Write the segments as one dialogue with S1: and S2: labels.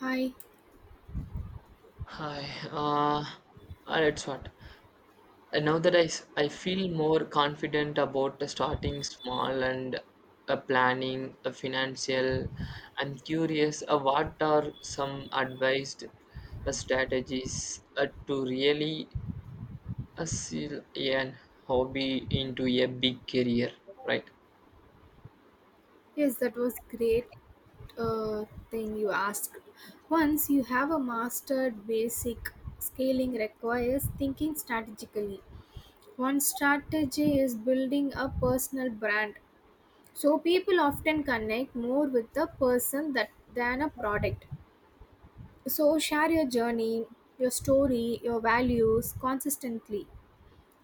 S1: Hi.
S2: Hi, uh, that's what. Now that I feel more confident about starting small and planning, financial, I'm curious, what are some advised strategies to really seal an hobby into a big career, right?
S1: Yes, that was great uh, thing you asked. Once you have a mastered basic, scaling requires thinking strategically. One strategy is building a personal brand. So people often connect more with the person that than a product. So share your journey, your story, your values consistently.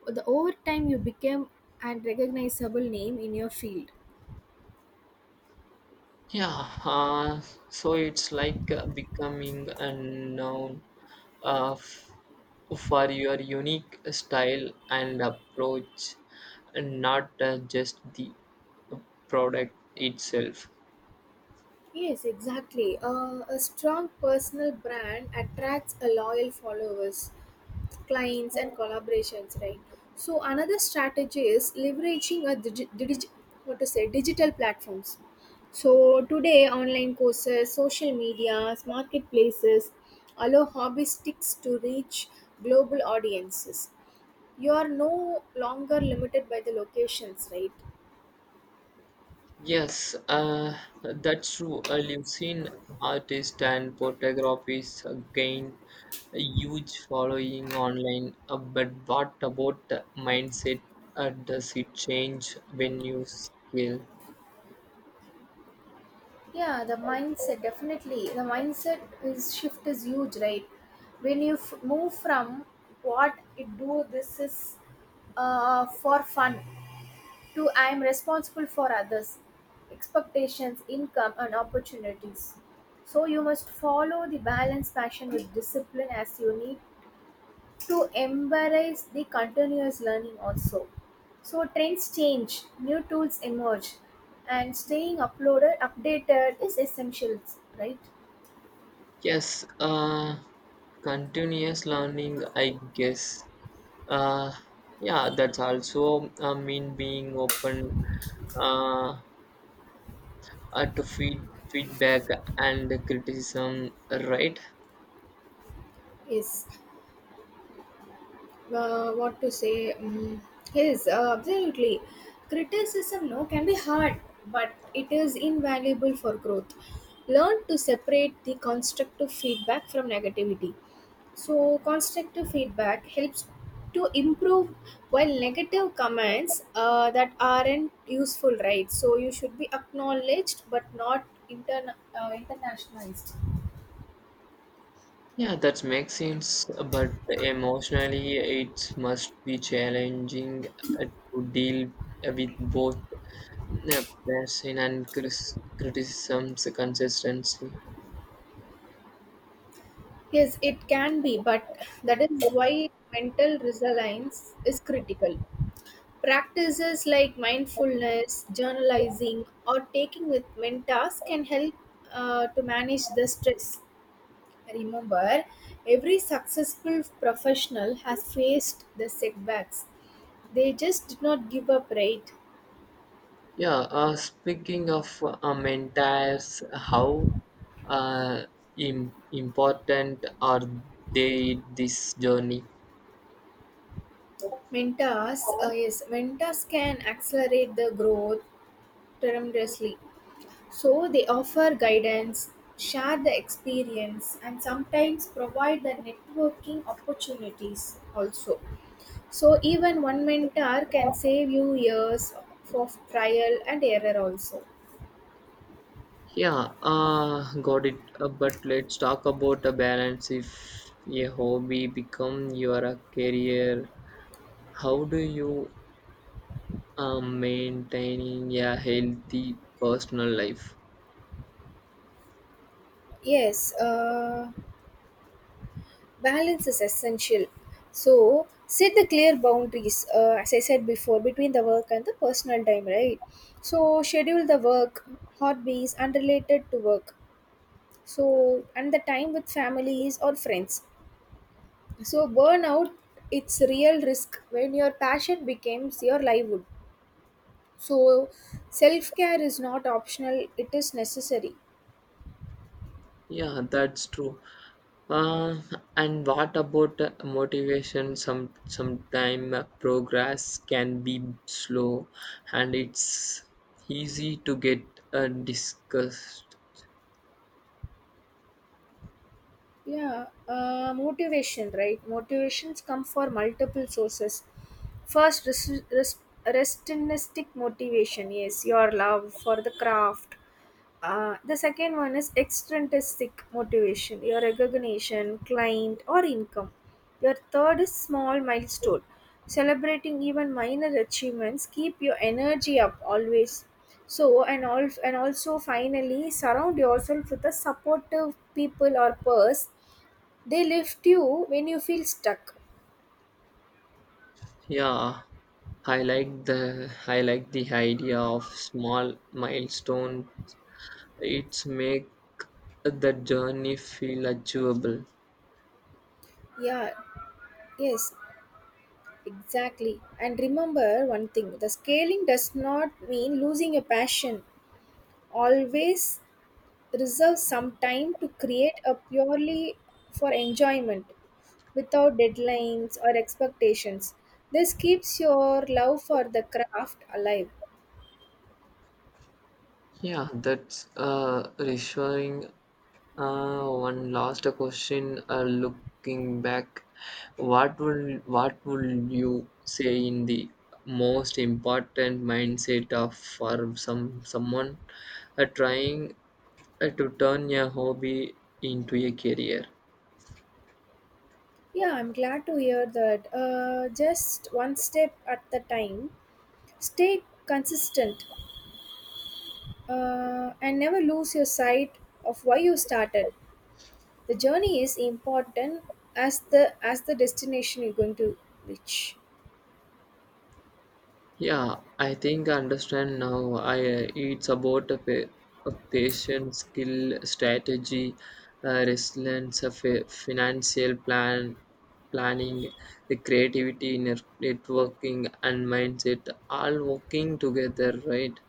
S1: The over time you become a recognizable name in your field.
S2: Yeah, so it's like becoming a noun uh, f- for your unique style and approach, and not just the product itself.
S1: Yes, exactly. A strong personal brand attracts a loyal followers, clients, and collaborations, right? So another strategy is leveraging a digi- digi- what to say digital platforms. So today, online courses, social media, marketplaces allow hobbyistics to reach global audiences. You are no longer limited by the locations, right?
S2: Yes, that's true. You've seen artists and photographers gain a huge following online, but what about the mindset? Does it change when you scale?
S1: Yeah, the mindset, definitely the mindset is shift is huge, right? When you move from what it do, this is for fun to I am responsible for others expectations, income, and opportunities. So you must follow the balance passion with discipline, as you need to embrace the continuous learning also. So trends change, new tools emerge, and staying uploaded updated is essential, right?
S2: Yes, continuous learning, I guess. Uh, yeah, that's also mean being open uh, to feedback and criticism, right?
S1: Yes. What to say mm Yes, absolutely. Criticism no can be hard, but it is invaluable for growth. Learn to separate the constructive feedback from negativity. So constructive feedback helps to improve, while negative comments that aren't useful, right? So you should be acknowledged but not internationalized.
S2: Yeah, that makes sense. But emotionally, it must be challenging uh, to deal with both passion and criticisms consistently.
S1: Yes, it can be, but that is why mental resilience is critical. Practices like mindfulness, journalizing, or taking with mentors can help to manage the stress. Remember, every successful professional has faced the setbacks. They just did not give up, right?
S2: Yeah, speaking of mentors, how uh, important are they in this journey?
S1: Mentors, yes, mentors can accelerate the growth tremendously. So they offer guidance, share the experience, and sometimes provide the networking opportunities also. So even one mentor can save you years of trial and error also.
S2: Yeah, got it. But let's talk about a balance. If a hobby become your a career, how do you maintaining a healthy personal life?
S1: Yes, balance is essential. So set the clear boundaries, as I said before, between the work and the personal time, right? So schedule the work, hobbies, unrelated to work. So and the time with families or friends. So burnout, it's real risk when your passion becomes your livelihood. So self care is not optional; it is necessary.
S2: Yeah, that's true. Uh, and what about motivation? Sometime progress can be slow, and it's easy to get discussed.
S1: Yeah, motivation, right? Motivations come for multiple sources. First, restonistic motivation, yes, your love for the craft. The second one is extrinsic motivation, your recognition, client, or income. Your third is small milestone, celebrating even minor achievements keep your energy up always. So and all and also finally surround yourself with a supportive people or purse. They lift you when you feel stuck.
S2: Yeah, I like the idea of small milestone. It's make the journey feel achievable.
S1: Yeah, yes, exactly. And remember one thing, the scaling does not mean losing your passion. Always reserve some time to create a purely for enjoyment without deadlines or expectations. This keeps your love for the craft alive.
S2: Yeah, that's reassuring. One last question. Looking back, what would you say in the most important mindset of for someone trying to turn a hobby into a career?
S1: Yeah, I'm glad to hear that. Just one step at the time. Stay consistent and never lose your sight of why you started. The journey is important as the destination you're going to reach.
S2: Yeah, I think I understand now. I It's about a patient skill, strategy, resilience, financial planning, the creativity, networking, and mindset all working together, right?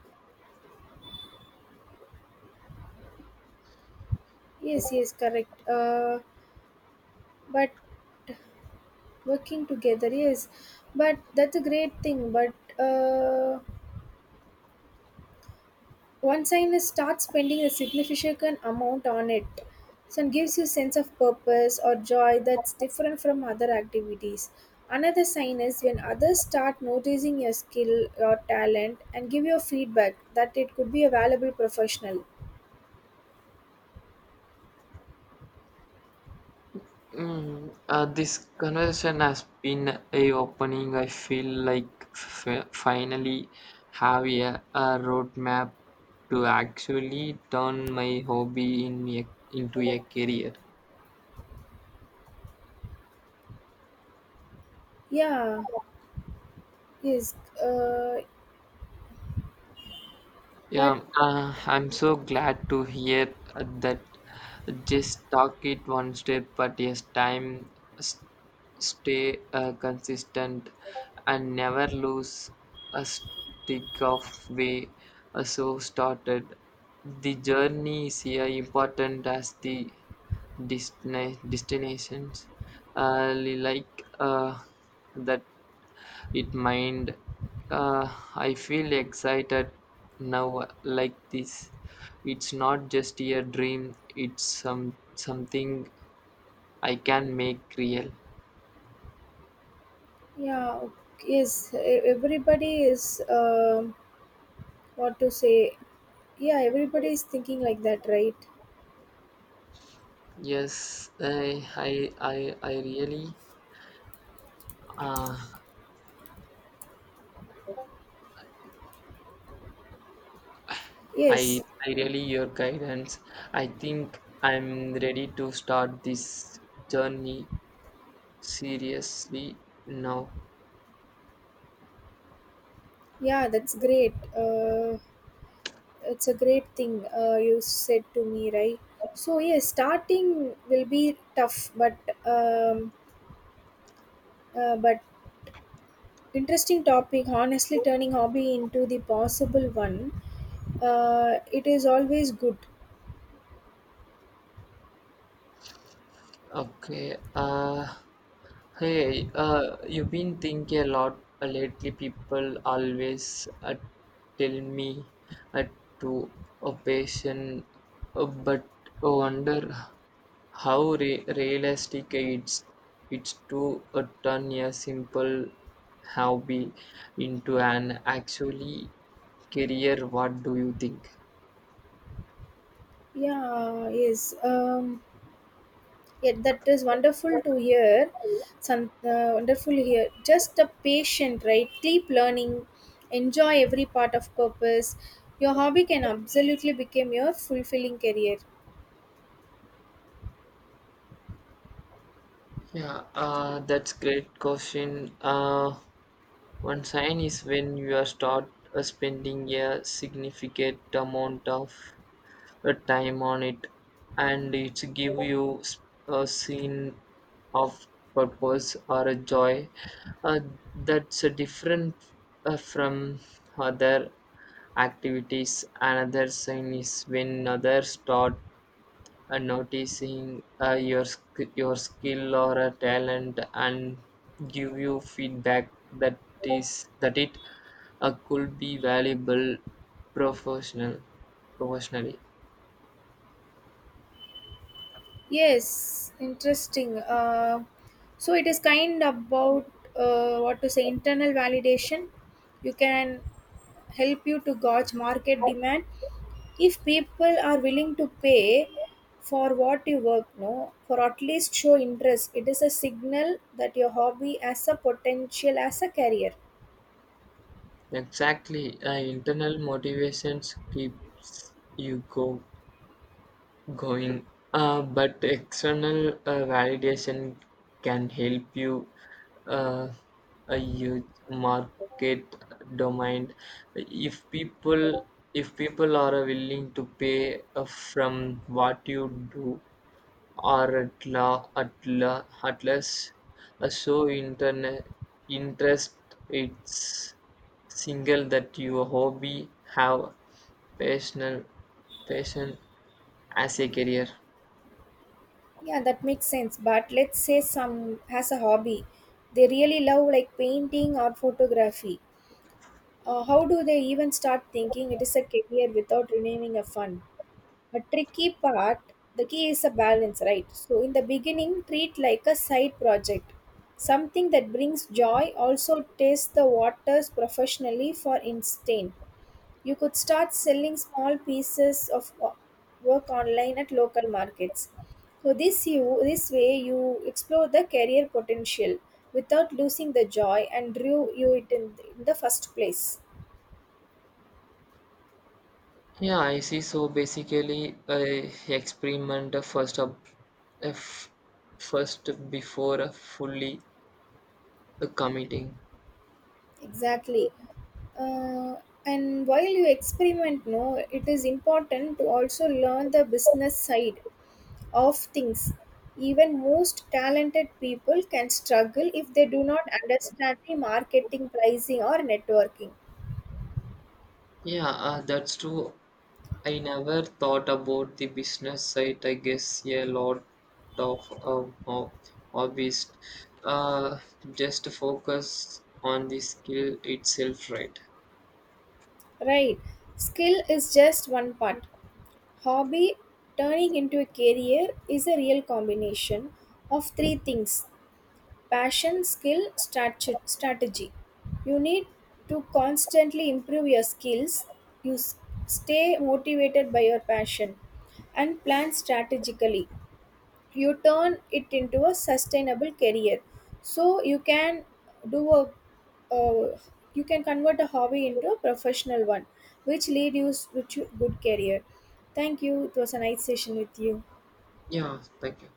S1: Yes, yes, correct. But working together, yes, but that's a great thing, but once I start spending a significant amount on it, so it gives you sense of purpose or joy that's different from other activities. Another sign is when others start noticing your skill, your talent, and give you feedback that it could be a valuable professional.
S2: Mm, this conversation has been a opening. I feel like finally have a roadmap to actually turn my hobby into a career.
S1: Yeah, yes, uh, but
S2: Yeah, I'm so glad to hear that. Just talk it one step at a time. S- Stay consistent and never lose a stick of way. So started. The journey is here important as the destinations. Uh, like uh, that it mind, uh, I feel excited now. Like this, it's not just a dream, it's something I can make real.
S1: yeah, yes, everybody is what to say. Yeah, everybody is thinking like that, right?
S2: yes i i i, I really uh, I
S1: Yes,
S2: I really your guidance. I think I'm ready to start this journey seriously now.
S1: yeah, that's great. It's a great thing you said to me, right? So yes, starting will be tough, um, but interesting topic. Honestly turning hobby into the possible one, it is always good.
S2: okay uh Hey, you've been thinking a lot lately. People always tell me uh, to a patient, but I wonder how realistic it's to turn a simple hobby into an actually career. What do you think?
S1: Yeah, yes, yeah, that is wonderful to hear. Some wonderful here, just a patient, right? Keep learning, enjoy every part of purpose. Your hobby can absolutely become your fulfilling career.
S2: Yeah, that's great question. One sign is when you are start spending a significant amount of time on it, and it give you a scene of purpose or a joy uh, that's different from other activities. Another sign is when others start and noticing your skill or a talent and give you feedback that is that it could be valuable professional professionally.
S1: Yes, interesting. So it is kind about what to say internal validation. You can help you to gauge market demand. If people are willing to pay for what you work, no, for at least show interest, it is a signal that your hobby has a potential as a career.
S2: Exactly, internal motivations keeps you go going. But external validation can help you uh, a huge market domain. If people if people are willing to pay from what you do or at less, so internet interest, it's single that your hobby have personal passion as a career.
S1: Yeah, that makes sense. But let's say some has a hobby they really love, like painting or photography. How do they even start thinking it is a career without renaming a fund? A tricky part, the key is a balance, right? So, in the beginning, treat like a side project, something that brings joy, also test the waters professionally, for instance. You could start selling small pieces of work online at local markets. So, this, you, this way, you explore the career potential without losing the joy and drew you it in the first place.
S2: Yeah, I see. So basically, I experiment first up, uh, f- first before fully committing.
S1: Exactly. uh, and while you experiment, no, it is important to also learn the business side of things. Even most talented people can struggle if they do not understand the marketing, pricing, or networking.
S2: Yeah, that's true. I never thought about the business side. I guess yeah, a lot of hobbies uh, just focus on the skill itself, right?
S1: Right. Skill is just one part. Hobby turning into a career is a real combination of 3 things: passion, skill, strategy. You need to constantly improve your skills, you stay motivated by your passion, and plan strategically, you turn it into a sustainable career. So you can do a, uh, you can convert a hobby into a professional one, which lead you to a good career. Thank you, it was a nice session with you.
S2: Yeah, thank you.